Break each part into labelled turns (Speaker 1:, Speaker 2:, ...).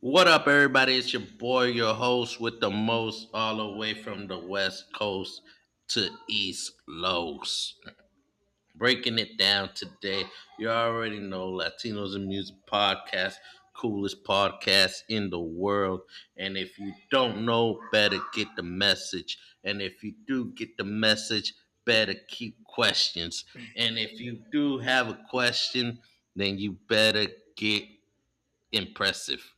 Speaker 1: What up, everybody? It's your boy, your host with the most, all the way from the West Coast to East Los. Breaking it down today. You already know Latinos and Music Podcast, coolest podcast in the world. And if you don't know, better get the message. And if you do get the message, better keep questions. And if you do have a question, then you better get impressive.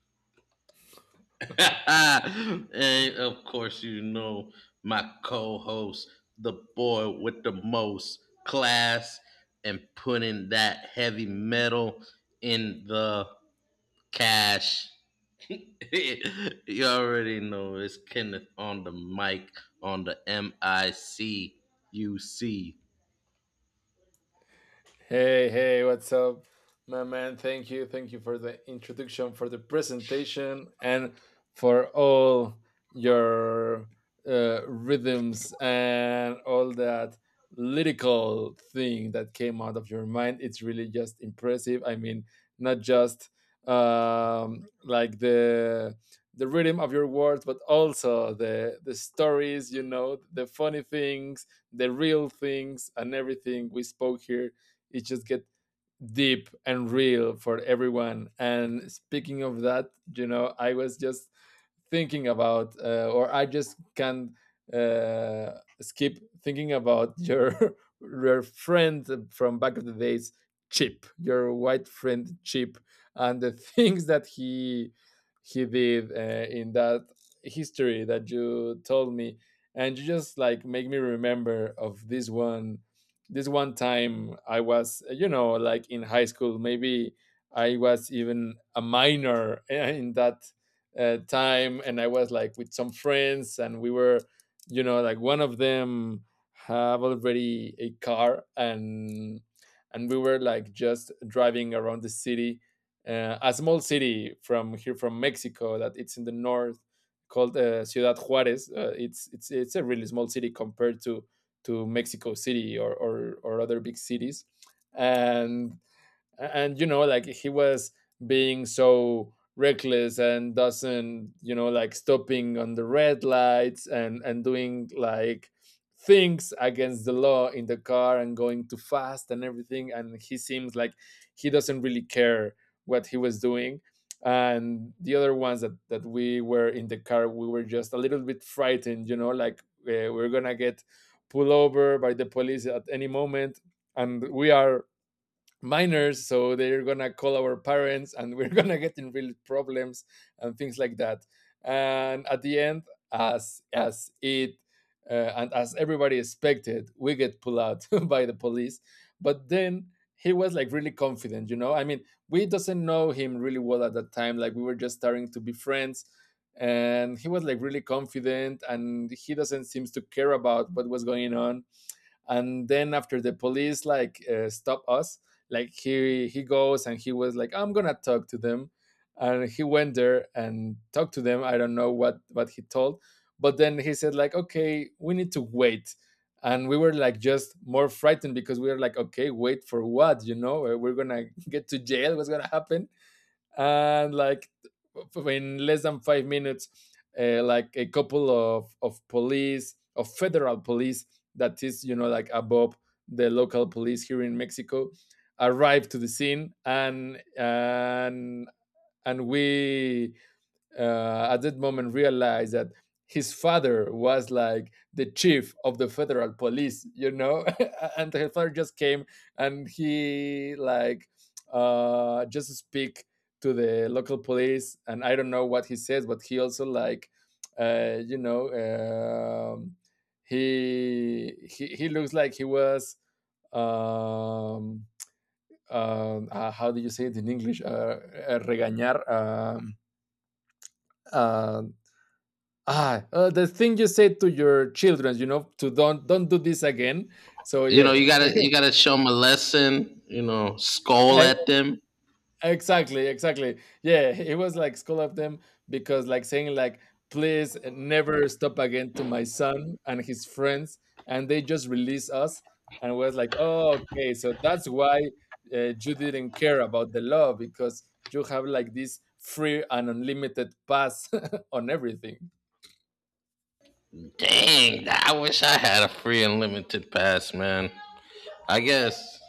Speaker 1: And of course, you know my co-host, the boy with the most class, and putting that heavy metal in the cash. You already know it's Kenneth on the mic, on the M I C U C.
Speaker 2: Hey, hey, what's up, my man? Thank you. Thank you for the introduction, for the presentation, and for all your rhythms and all that lyrical thing that came out of your mind. It's really just impressive. I mean, not just like the rhythm of your words, but also the stories, you know, the funny things, the real things, and everything we spoke here, it just get deep and real for everyone. And speaking of that, you know, I was just thinking about or I just can uh, skip thinking about your your friend from back of the days, Chip, your white friend Chip, and the things that he did in that history that you told me. And you just like make me remember of this one time. I was, you know, like in high school maybe. I was even a minor in that time, and I was like with some friends and we were, you know, like one of them have already a car, and we were like just driving around the city, a small city from here from Mexico that it's in the north, called Ciudad Juarez. It's a really small city compared to Mexico City or other big cities. And a- and you know like he was being so reckless and doesn't, you know, like stopping on the red lights, and doing like things against the law in the car and going too fast and everything, and he seems like he doesn't really care what he was doing. And the other ones that we were in the car, we were just a little bit frightened, you know, like we're gonna get pulled over by the police at any moment, and we are minors, so they're gonna call our parents and we're gonna get in real problems and things like that. And at the end, as it and as everybody expected, we get pulled out by the police. But then he was like really confident. You know, I mean, we doesn't know him really well at that time, like we were just starting to be friends. And he was like really confident, and he doesn't seems to care about what was going on. And then after the police like stop us, like he goes and he was like, I'm gonna talk to them. And he went there and talked to them. I don't know what he told, but then he said like, okay, we need to wait. And we were like just more frightened because we were like, okay, wait for what, you know? We're gonna get to jail. What's gonna happen? And like, in less than 5 minutes, like a couple of police, of federal police, that is, you know, like above the local police here in Mexico, arrived to the scene. And and we at that moment realized that his father was like the chief of the federal police, you know. And his father just came, and he like just speak to the local police, and I don't know what he says, but he also like you know, he looks like he was um, how do you say it in English? Regañar. Uh, the thing you said to your children, you know, to don't do this again. So
Speaker 1: You know,
Speaker 2: yeah.
Speaker 1: you gotta show them a lesson. You know, scowl
Speaker 2: E-
Speaker 1: at them.
Speaker 2: exactly exactly, yeah. It was like school of them, because like saying like, please never stop again to my son and his friends. And they just release us, and was like, oh okay, so that's why you didn't care about the law, because you have like this free and unlimited pass on everything.
Speaker 1: Dang, I wish I had a free and limited pass, man. I guess.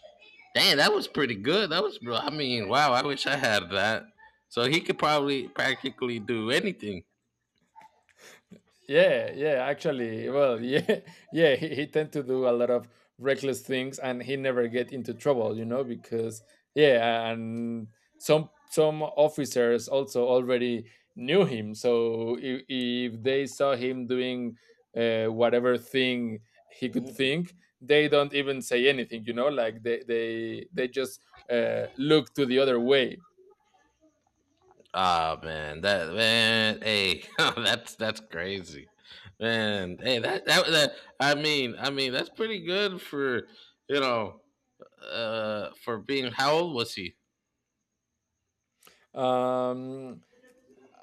Speaker 1: Damn, that was pretty good. That was, wow. I wish I had that. So he could probably practically do anything.
Speaker 2: Yeah, yeah, actually, well, yeah, yeah, he tend to do a lot of reckless things, and he never get into trouble, you know, because yeah. And some officers also already knew him. So if they saw him doing whatever thing he could think, they don't even say anything, you know, like they just look to the other way.
Speaker 1: Ah man, that's crazy, man. Hey, that that's pretty good for you know, for being, how old was he?
Speaker 2: Um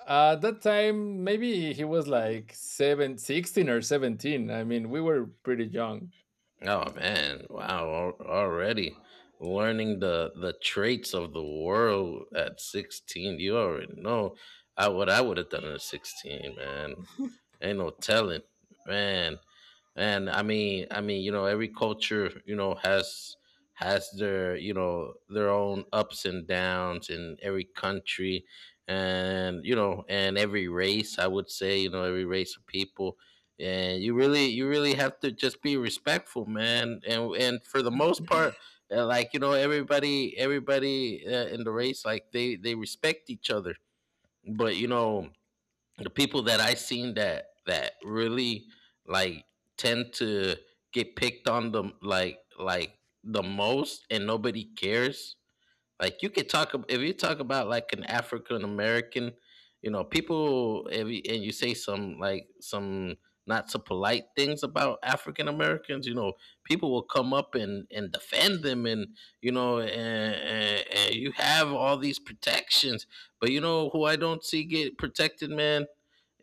Speaker 2: At that time, maybe he was like 16 or 17. I mean, we were pretty young.
Speaker 1: Oh man, wow, already learning the traits of the world at 16. You already know I what I would have done at 16, man. Ain't no telling, man. And you know, every culture, you know, has their, you know, their own ups and downs in every country and, you know, and every race, I would say, you know, every race of people. And you really have to just be respectful, man. And for the most part, like you know, everybody in the race, like they respect each other. But you know, the people that I seen that really like tend to get picked on them like the most, and nobody cares. Like you could talk if you talk about like an African American, you know, people if you, and you say some like some not so polite things about African Americans, you know, people will come up and defend them, and you know, and you have all these protections, but you know who I don't see get protected, man.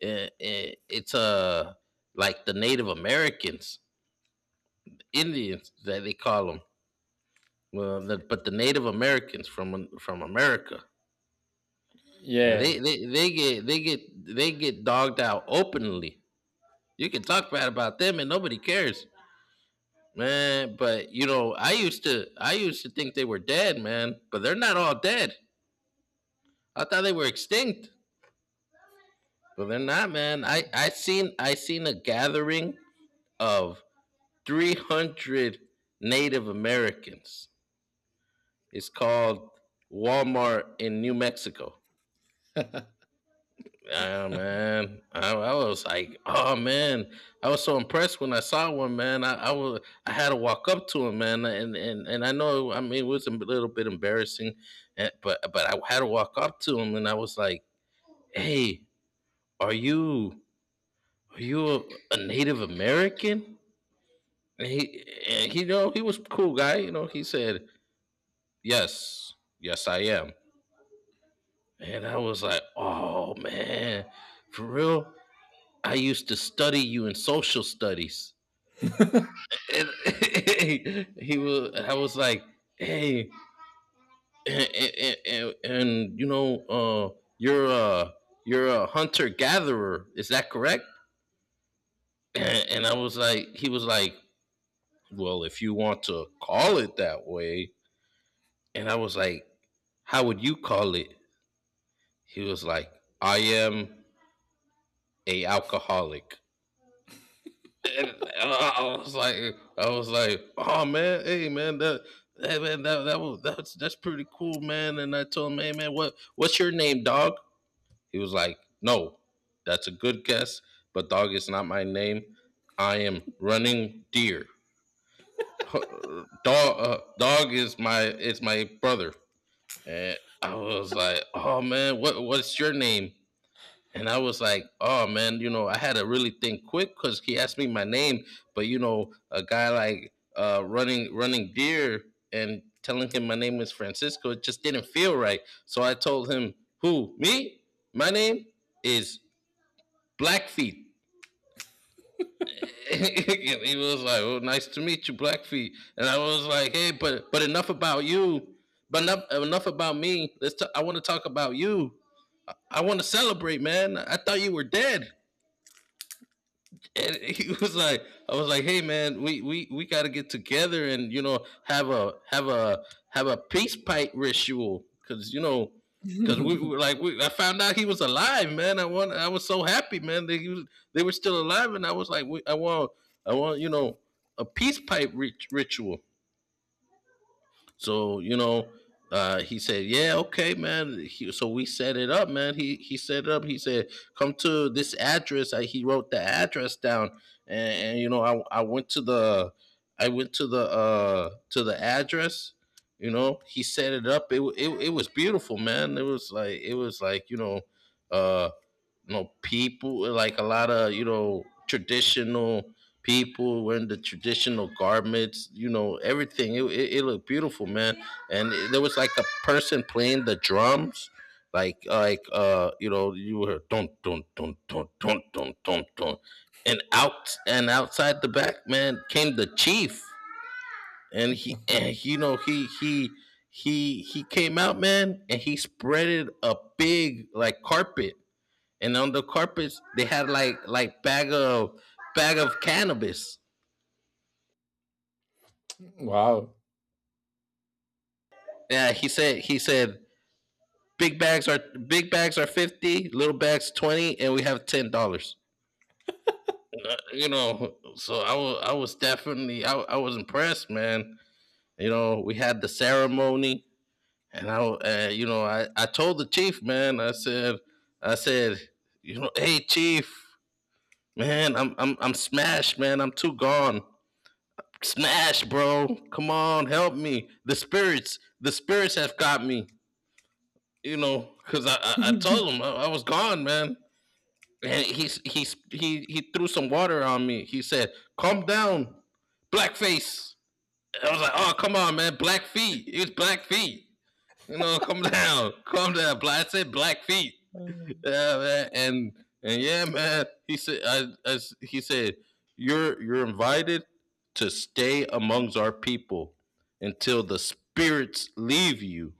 Speaker 1: It's like the Native Americans, Indians that they call them. Well, but the Native Americans from America. Yeah,
Speaker 2: Yeah.
Speaker 1: they get they get they get dogged out openly. You can talk bad about them and nobody cares, man. But you know, I used to think they were dead, man. But they're not all dead. I thought they were extinct, but they're not, man. I seen a gathering of 300 Native Americans. It's called Walmart in New Mexico. Yeah, man. I was like, oh man, I was so impressed when I saw one, man. I had to walk up to him, man, and I know, I mean, it was a little bit embarrassing, eh, but I had to walk up to him, and I was like, hey, are you are you a, a Native American? And he, you know, he was a cool guy. You know, he said, yes, yes, I am. And I was like, oh man, for real. I used to study you in social studies. And he was I was like, hey, you know, you're a, you're a hunter gatherer, is that correct? And I was like, he was like, well, if you want to call it that way, and I was like, how would you call it? He was like, I am a alcoholic. And I was like, oh man, hey man, that's pretty cool, man. And I told him, hey man, what's your name, dog? He was like, no, that's a good guess, but dog is not my name. I am running deer. Huh, dog is my brother. And I was like, oh man, what's your name? And I was like, oh man, you know, I had to really think quick because he asked me my name. But you know, a guy like running deer, and telling him my name was Francisco, it just didn't feel right. So I told him, who me? My name is Blackfeet. And he was like, oh, nice to meet you, Blackfeet. And I was like, hey, but enough about you. But enough about me. I want to talk about you. I want to celebrate, man. I thought you were dead. And he was like, I was like, hey man, we got to get together and you know have a have a peace pipe ritual. Because you know, because we were like we, I found out he was alive, man. I was so happy, man. They were still alive, and I was like, we, I want I want, you know, a peace pipe ritual. So you know, he said, "Yeah, okay, man." So we set it up, man. He set it up. He said, "Come to this address." He wrote the address down, and you know, I went to the address. You know, he set it up. It was beautiful, man. It was like, you know, uh you know, people like, a lot of, you know, traditional people wearing the traditional garments, you know, everything, it looked beautiful, man. And there was like a person playing the drums like, you know, you were, don't. And outside the back, man came the chief. And he and you know, he came out, man, and he spreaded a big like carpet. And on the carpets they had like bag of cannabis.
Speaker 2: Wow.
Speaker 1: Yeah, he said, big bags are big bags are 50, little bags 20, and we have $10. You know, so I was definitely, I was impressed, man. You know, we had the ceremony, and I you know, I told the chief, man. I said, you know, hey chief, man, I'm smashed, man. I'm too gone. Smash, bro. Come on, help me. The spirits have got me. You know, because I told him, I was gone, man. And he threw some water on me. He said, calm down, blackface. I was like, oh, come on, man. Black feet. It's black feet. You know, come down. Calm down. Black, I said black feet, yeah, man. He said, he said, you're invited to stay amongst our people until the spirits leave you.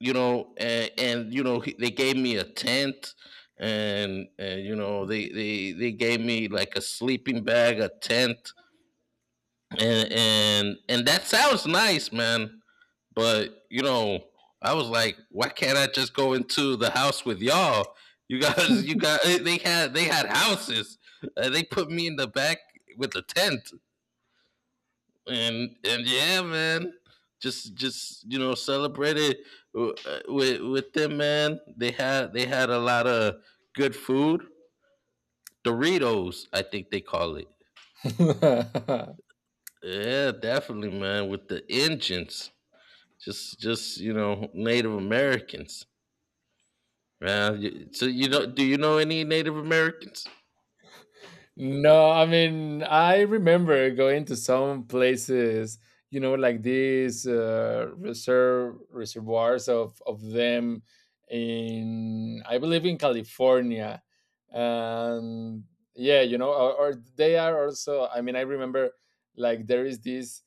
Speaker 1: You know, and he, they gave me a tent, and they gave me like a sleeping bag, a tent, and that sounds nice, man. But you know, I was like, why can't I just go into the house with y'all? You guys, they had houses. They put me in the back with the tent, and yeah, man, just you know, celebrated uh, with them, man. They had a lot of good food, Doritos, I think they call it. Yeah, definitely, man. With the engines, just you know, Native Americans. So you know, do you know any Native Americans?
Speaker 2: No, I mean, I remember going to some places, you know, like these reserve reservoirs of them in, I believe, in California. And yeah, you know, or, they are also. I mean, I remember like there is this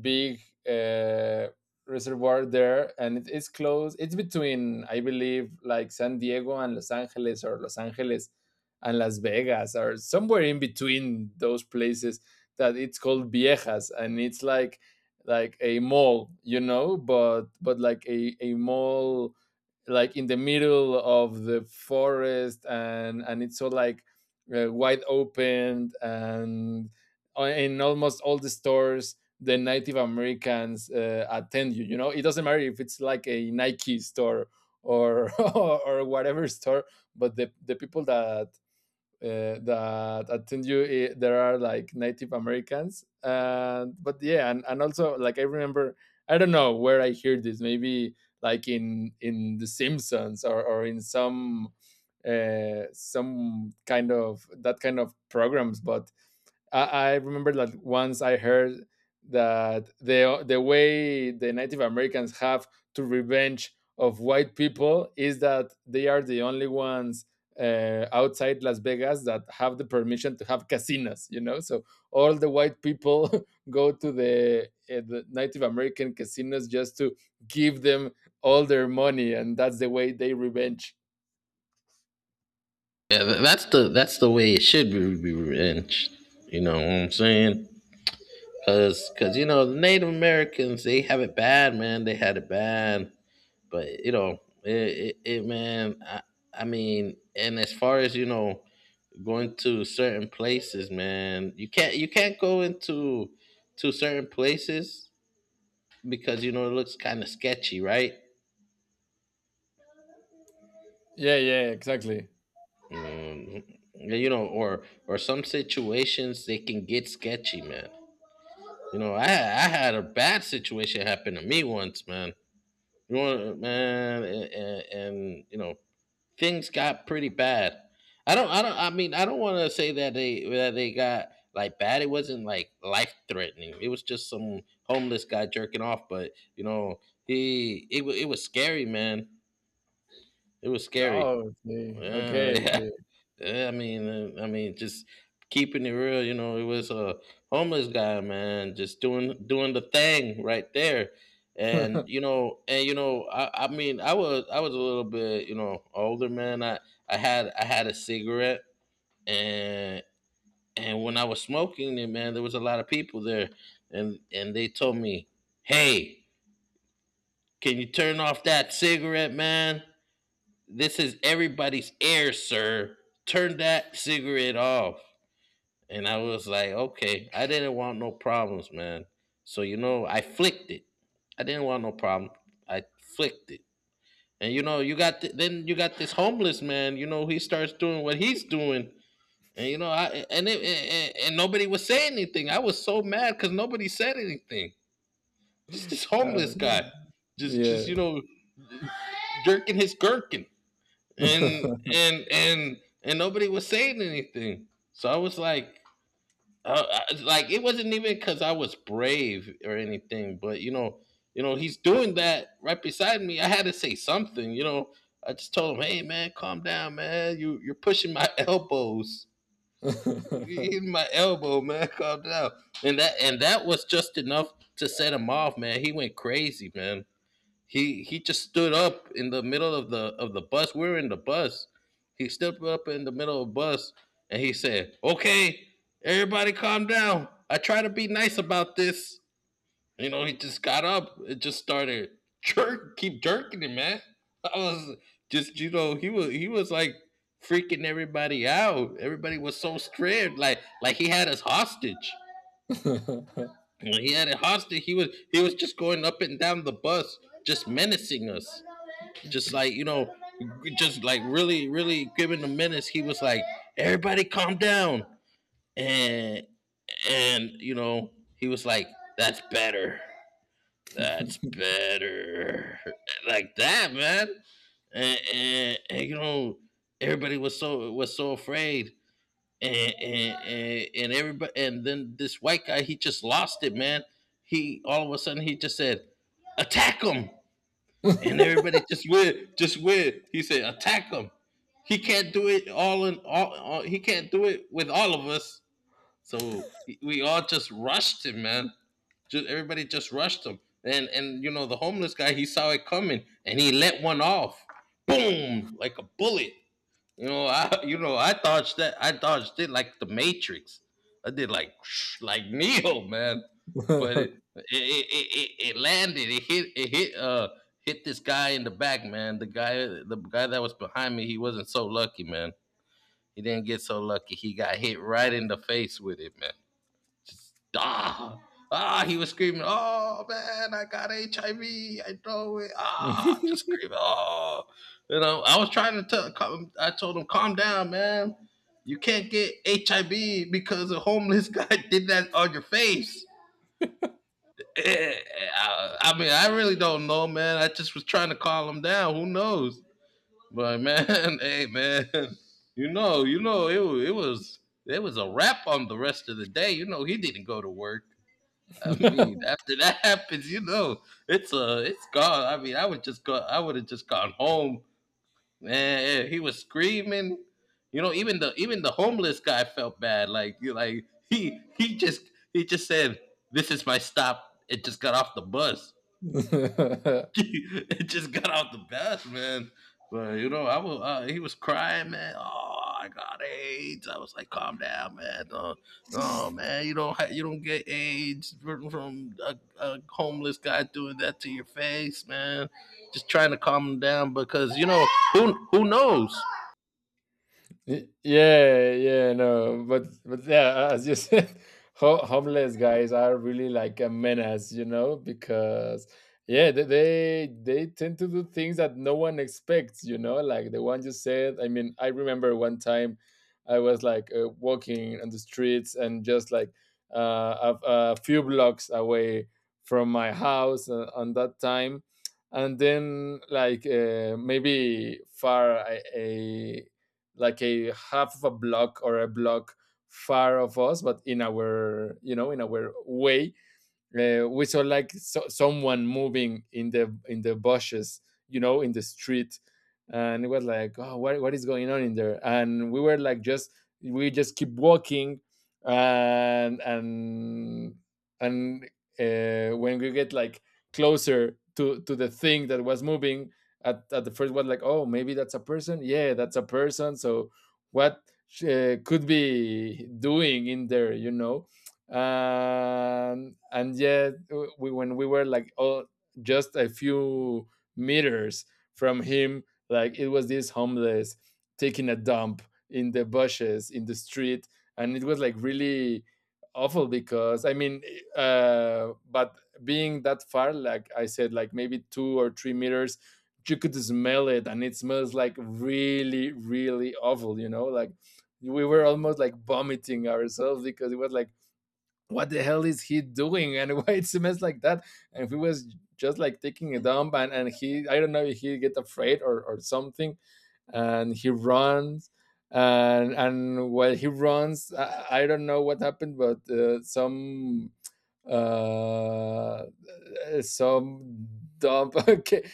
Speaker 2: big uh, reservoir there, and it is close. It's between, I believe, like San Diego and Los Angeles, or Los Angeles and Las Vegas, or somewhere in between those places. That it's called Viejas, and it's like a mall, you know, but like a mall like in the middle of the forest. And it's so like wide open, and in almost all the stores, the Native Americans attend you. You know, it doesn't matter if it's like a Nike store or or whatever store, but the people that that attend you there are like Native Americans. And but yeah. And also like I remember, I don't know where I hear this. Maybe like in The Simpsons or in some kind of that kind of programs. But I, I remember that once I heard that the way the Native Americans have to revenge of white people is that they are the only ones outside Las Vegas that have the permission to have casinos. You know, so all the white people go to the Native American casinos just to give them all their money, and that's the way they revenge.
Speaker 1: Yeah, that's the way it should be revenge. You know what I'm saying? Cause, you know, the Native Americans they have it bad, man. They had it bad, but you know, it, man. I mean, and as far as you know, going to certain places, man, you can't go into, to certain places, because you know it looks kind of sketchy, right?
Speaker 2: Yeah, yeah, exactly.
Speaker 1: Um, you know, or some situations they can get sketchy, man. You know, I had a bad situation happen to me once, man. You know, man, and you know, things got pretty bad. I mean, I don't want to say that they got like bad. It wasn't like life threatening. It was just some homeless guy jerking off, but you know, it was scary, man. It was scary.
Speaker 2: Oh, okay,
Speaker 1: Uh,
Speaker 2: okay,
Speaker 1: Yeah, I mean, just keeping it real. You know, it was a homeless guy, man, just doing the thing right there.
Speaker 2: okay.
Speaker 1: And you know, I mean, I was a little bit, older, man. I had a cigarette, and and when I was smoking it, man, there was a lot of people there, and they told me, "Hey, can you turn off that cigarette, man? This is everybody's air, sir. Turn that cigarette off." And I was like, okay, I didn't want no problems, man. So, you know, I flicked it. I didn't want no problem. I flicked it. And, you know, then you got this homeless man, you know, he starts doing what he's doing. And, you know, I, and, it, and nobody was saying anything. I was so mad because nobody said anything. Just this
Speaker 2: Uh,
Speaker 1: homeless guy, just, just,
Speaker 2: Yeah.
Speaker 1: you know, jerking his gherkin. And, and, and, and nobody was saying anything. So I was like, like it wasn't even because I was brave or anything, but you know, he's doing that right beside me. I had to say something. I just told him, "Hey, man, calm down, man. You're pushing my elbows. You're hitting my elbow, man. Calm down." And that was just enough to set him off, man. He went crazy, man. He just stood up in the middle of the bus. We were in the bus. He stood up in the middle of the bus and he said, "Okay, everybody, calm down. I try to be nice about this." You know, he just got up. It just started keep jerking him, man. I was he was like freaking everybody out. Everybody was so scared, like he had us hostage. When he had it hostage, he was just going up and down the bus, just menacing us, just like you know, just like really, really giving the menace. He was like, "Everybody, calm down," and and he was like, "That's better." That's better, like that, man. And, and, and you know, everybody was so afraid, And then this white guy, he just lost it, man. He all of a sudden he just said, "Attack him!" And everybody just went, just went. He said, "Attack him! He can't do it all." He can't do it with all of us, so we all just rushed him, man. Just everybody just rushed him, and the homeless guy, he saw it coming, and he let one off, boom, like a bullet. I dodged that, I dodged it like the Matrix. I did, like, like Neo, man. But it landed. It hit this guy in the back, man. The guy that was behind me, he wasn't so lucky, man. He didn't get so lucky. He got hit right in the face with it, man. Ah, ah, he was screaming, "Oh, man, I got HIV. I V. I know it." Ah, just screaming, "Oh." You know, I was trying to tell. I told him, "Calm down, man. You can't get HIV because a homeless guy did that on your face." Eh, I mean, I really don't know, man. I just was trying to calm him down. Who knows? But, like, man, hey, man, you know, it wa- it was a wrap on the rest of the day. You know, he didn't go to work. I mean, after that happens, it's gone. I mean, I would just go. I would have just gone home. Man, yeah, he was screaming. You know, even the homeless guy felt bad. Like you like he just said, "This is my stop." It just got off the bus. It just got out the best, man. But you know, I was he was crying, man. "Oh, I got AIDS." I was like, "Calm down, man. Oh, man, you don't get AIDS from a homeless guy doing that to your face, man." Just trying to calm him down, because who knows.
Speaker 2: Yeah, yeah, no, but yeah, as you said, homeless guys are really like a menace, you know, because yeah, they tend to do things that no one expects, you know, like the one you said. I mean, I remember one time I was like walking on the streets, and just like a few blocks away from my house on that time. And then, like maybe far, I, like a half of a block or a block far of us, but in our, you know, in our way, we saw like someone moving in the bushes, you know, in the street. And it was like, oh, what is going on in there? And we were like, just, we just keep walking. And and when we get like closer to the thing that was moving, at the first, was like, oh, maybe that's a person. Yeah, that's a person. So what could be doing in there, you know? And yet, when we were like, oh, just a few meters from him, like it was this homeless taking a dump in the bushes in the street. And it was like really awful because I mean, but being that far, like I said, like maybe 2 or 3 meters, you could smell it, and it smells like really really awful. You know, like we were almost like vomiting ourselves, because it was like, what the hell is he doing? And why it's a mess like that? And he was just like taking a dump. And he, I don't know if he get afraid, or something, and he runs. And while he runs, I don't know what happened, but uh some dump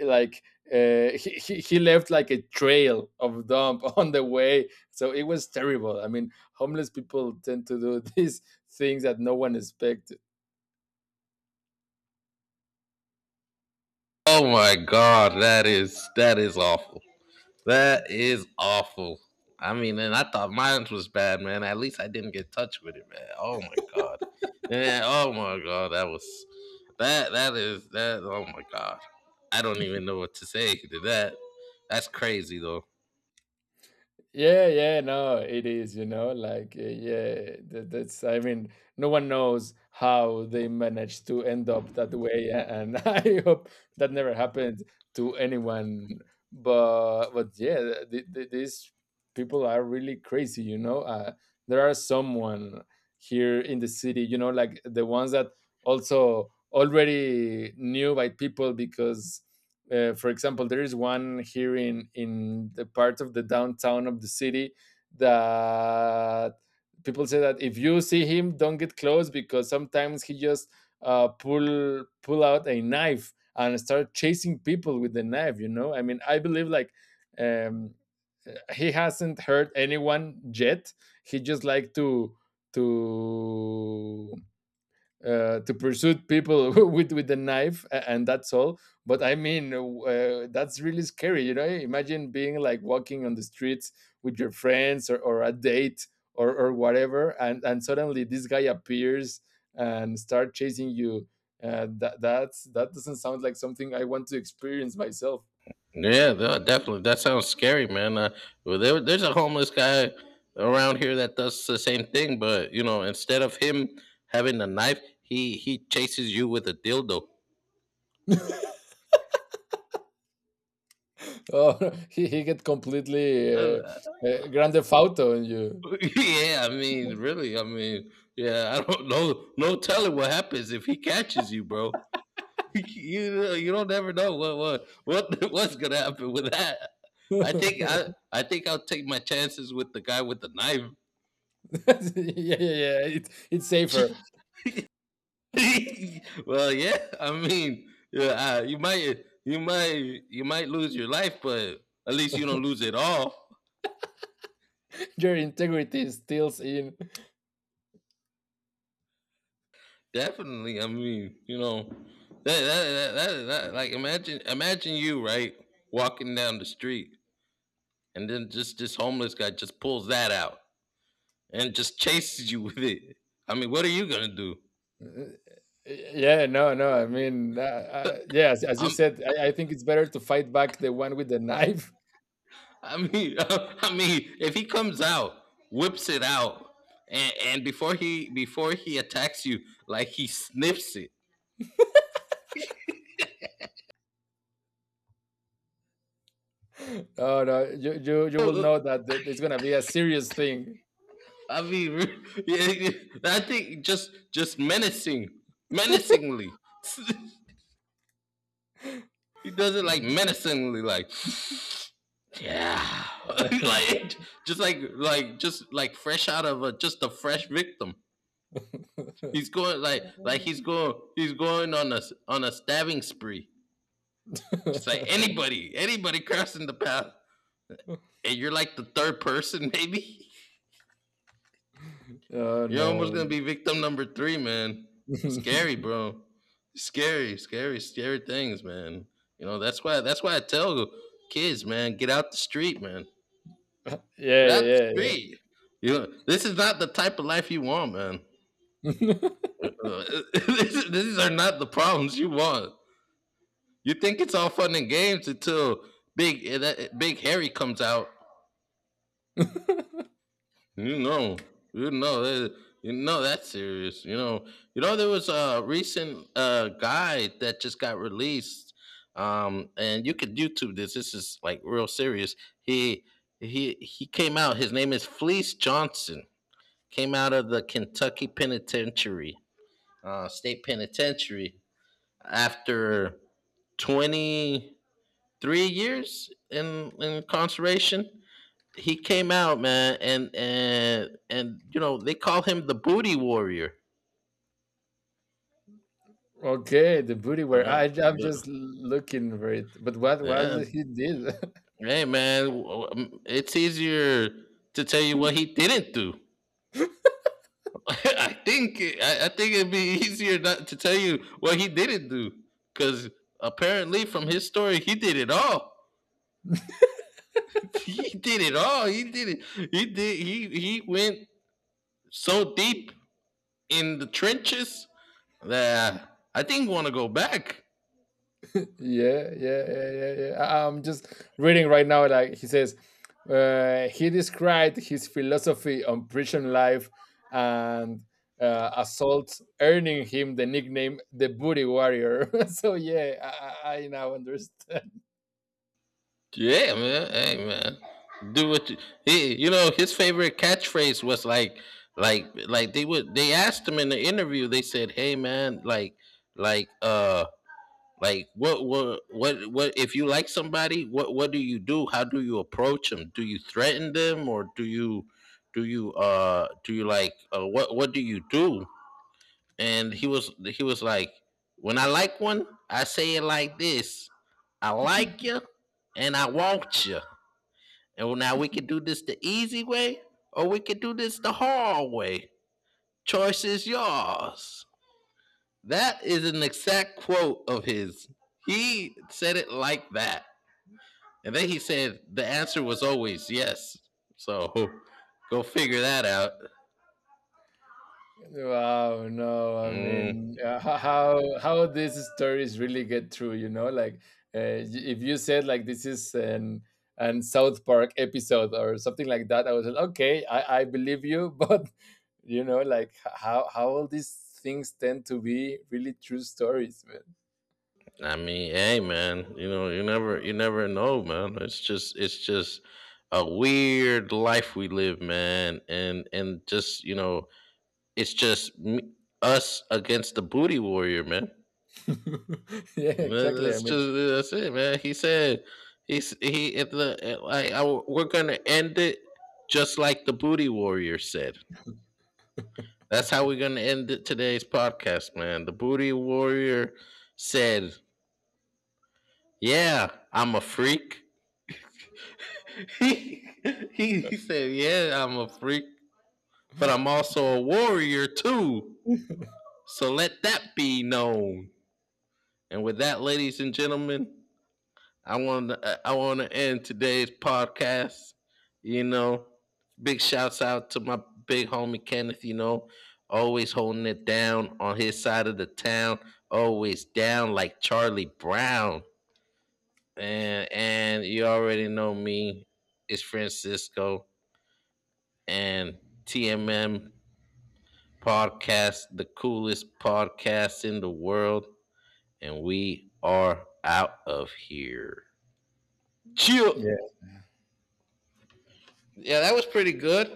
Speaker 2: like he left like a trail of dump on the way. So it was terrible. I mean, homeless people tend to do these things that no one expects.
Speaker 1: Oh my God, that is awful. That is awful. I mean, and I thought mine was bad, man. At least I didn't get touched with it, man. Oh my God. Yeah, oh my God, that was, that is that, oh my God. I don't even know what to say to that. That's crazy though.
Speaker 2: Yeah, yeah, no, it is, you know, like, yeah, that's, I mean, no one knows how they managed to end up that way. And I hope that never happened to anyone. But yeah, these people are really crazy, you know. There are someone here in the city, you know, like the ones that also already knew by people, because for example, there is one here in the part of the downtown of the city, that people say that if you see him, don't get close because sometimes he just pull out a knife and start chasing people with the knife. You know, I mean, I believe like. Um, he hasn't hurt anyone yet. He just like to to pursue people with a knife, and that's all. But I mean, that's really scary, you know? Imagine being like walking on the streets with your friends, or a date, or whatever, and suddenly this guy appears and start chasing you. That doesn't sound like something I want to experience myself.
Speaker 1: Yeah, definitely. That sounds scary, man. Well, there's a homeless guy around here that does the same thing, but you know, instead of him having a knife, he chases you with a dildo.
Speaker 2: Oh. He get
Speaker 1: Uh,
Speaker 2: completely grande fauto on you.
Speaker 1: yeah, I mean, really, I mean, yeah, I don't know, no telling what happens if he catches you, bro. You know, you don't ever know what what's gonna happen with that.
Speaker 2: Yeah,
Speaker 1: I think I'll take my chances with the guy with the knife.
Speaker 2: yeah, yeah, it's safer.
Speaker 1: Well, yeah, I mean, yeah, you might lose your life, but at least you don't lose it all.
Speaker 2: Your integrity steals in.
Speaker 1: Definitely. I mean, that that, that that that like imagine imagine you, right, walking down the street, and then just this homeless guy just pulls that out and just chases you with it. I mean, what are you gonna do?
Speaker 2: Uh, Yeah, no, no. I mean, yes, as you
Speaker 1: I'm.
Speaker 2: said, I think it's better to fight back the one with the knife.
Speaker 1: I mean, I mean, if he comes out, whips it out, and before he attacks you, like he sniffs it.
Speaker 2: No, no, you will know that it's gonna be a serious thing.
Speaker 1: I mean, yeah, I think just menacing, menacingly. He does it like menacingly, like yeah, like like fresh out of, a fresh victim. He's going, like he's going on a stabbing spree. Just like anybody crossing the path, and you're like the third person, maybe.
Speaker 2: Oh
Speaker 1: You're almost
Speaker 2: no.
Speaker 1: gonna be victim number three, man. That's scary, bro. Scary, scary, scary things, man. You know that's why I tell kids, man, get out the street, man.
Speaker 2: Yeah,
Speaker 1: That's
Speaker 2: yeah, yeah.
Speaker 1: sweet. This is not the type of life you want, man.
Speaker 2: Yeah.
Speaker 1: Uh, uh, these are not the problems you want. You think it's all fun and games until big Harry comes out. You know, you know, that- you know that's serious. You know there was a recent guide that just got released, and you could YouTube this. This is like real serious. He he came out. His name is Fleece Johnson, came out of the Kentucky Penitentiary, state penitentiary, after 23 years in incarceration. He came out, man, and they call him the Booty Warrior.
Speaker 2: Okay, the booty wear.
Speaker 1: Uh,
Speaker 2: I'm just
Speaker 1: the-
Speaker 2: looking for it. But what
Speaker 1: yeah,
Speaker 2: was he did?
Speaker 1: hey, man, it's easier to tell you what he didn't do. I think it'd be easier not to tell you what he didn't do, because apparently, from his story, he did it all, he did it all. He did it. He did. He went so deep in the trenches, that I think want to go back.
Speaker 2: Yeah, yeah, yeah, yeah, yeah. I'm just reading right now. Like he says, he described his philosophy on prison life and assaults, earning him the nickname "the Booty Warrior." So yeah, I now understand.
Speaker 1: Yeah, man. Hey, man. Do what you. His favorite catchphrase was like they would. They asked him in the interview. They said, "Hey, man, like." Like, what if you like somebody, what do you do? How do you approach them? Do you threaten them, or do you like, what do you do? And he was like, "When I like one, I say it like this. I like you and I want you. And, well, now we can do this the easy way, or we can do this the hard way. Choice is yours." That is an exact quote of his. He said it like that. And then he said the answer was always yes. So go figure that out.
Speaker 2: Wow, no, I
Speaker 1: Mm,
Speaker 2: mean, how these stories really get through, you know, like if you said like this is an South Park episode or something like that, I was like, okay, I believe you, but you know like how all these things tend to be really true stories, man.
Speaker 1: I mean, hey, man, you never know, man. it's just a weird life we live, man. And just, it's just us against the Booty Warrior, man.
Speaker 2: Yeah,
Speaker 1: Uh,
Speaker 2: exactly. I
Speaker 1: That's
Speaker 2: mean.
Speaker 1: just that's it, man. He said, he's he if the I we're going to end it just like the Booty Warrior said. That's how we're gonna end today's podcast, man. The Booty Warrior said, "Yeah, I'm a freak." he he said, "Yeah, I'm a freak, but I'm also a warrior too." So let that be known. And with that, ladies and gentlemen, I want to end today's podcast. You know, big shouts out to my big homie Kenneth. You know, always holding it down on his side of the town. Always down like Charlie Brown. And you already know me. It's Francisco, and TMM podcast, the coolest podcast in the world, and we are out of here. Chill.
Speaker 2: Yeah.
Speaker 1: Yeah, that was pretty good.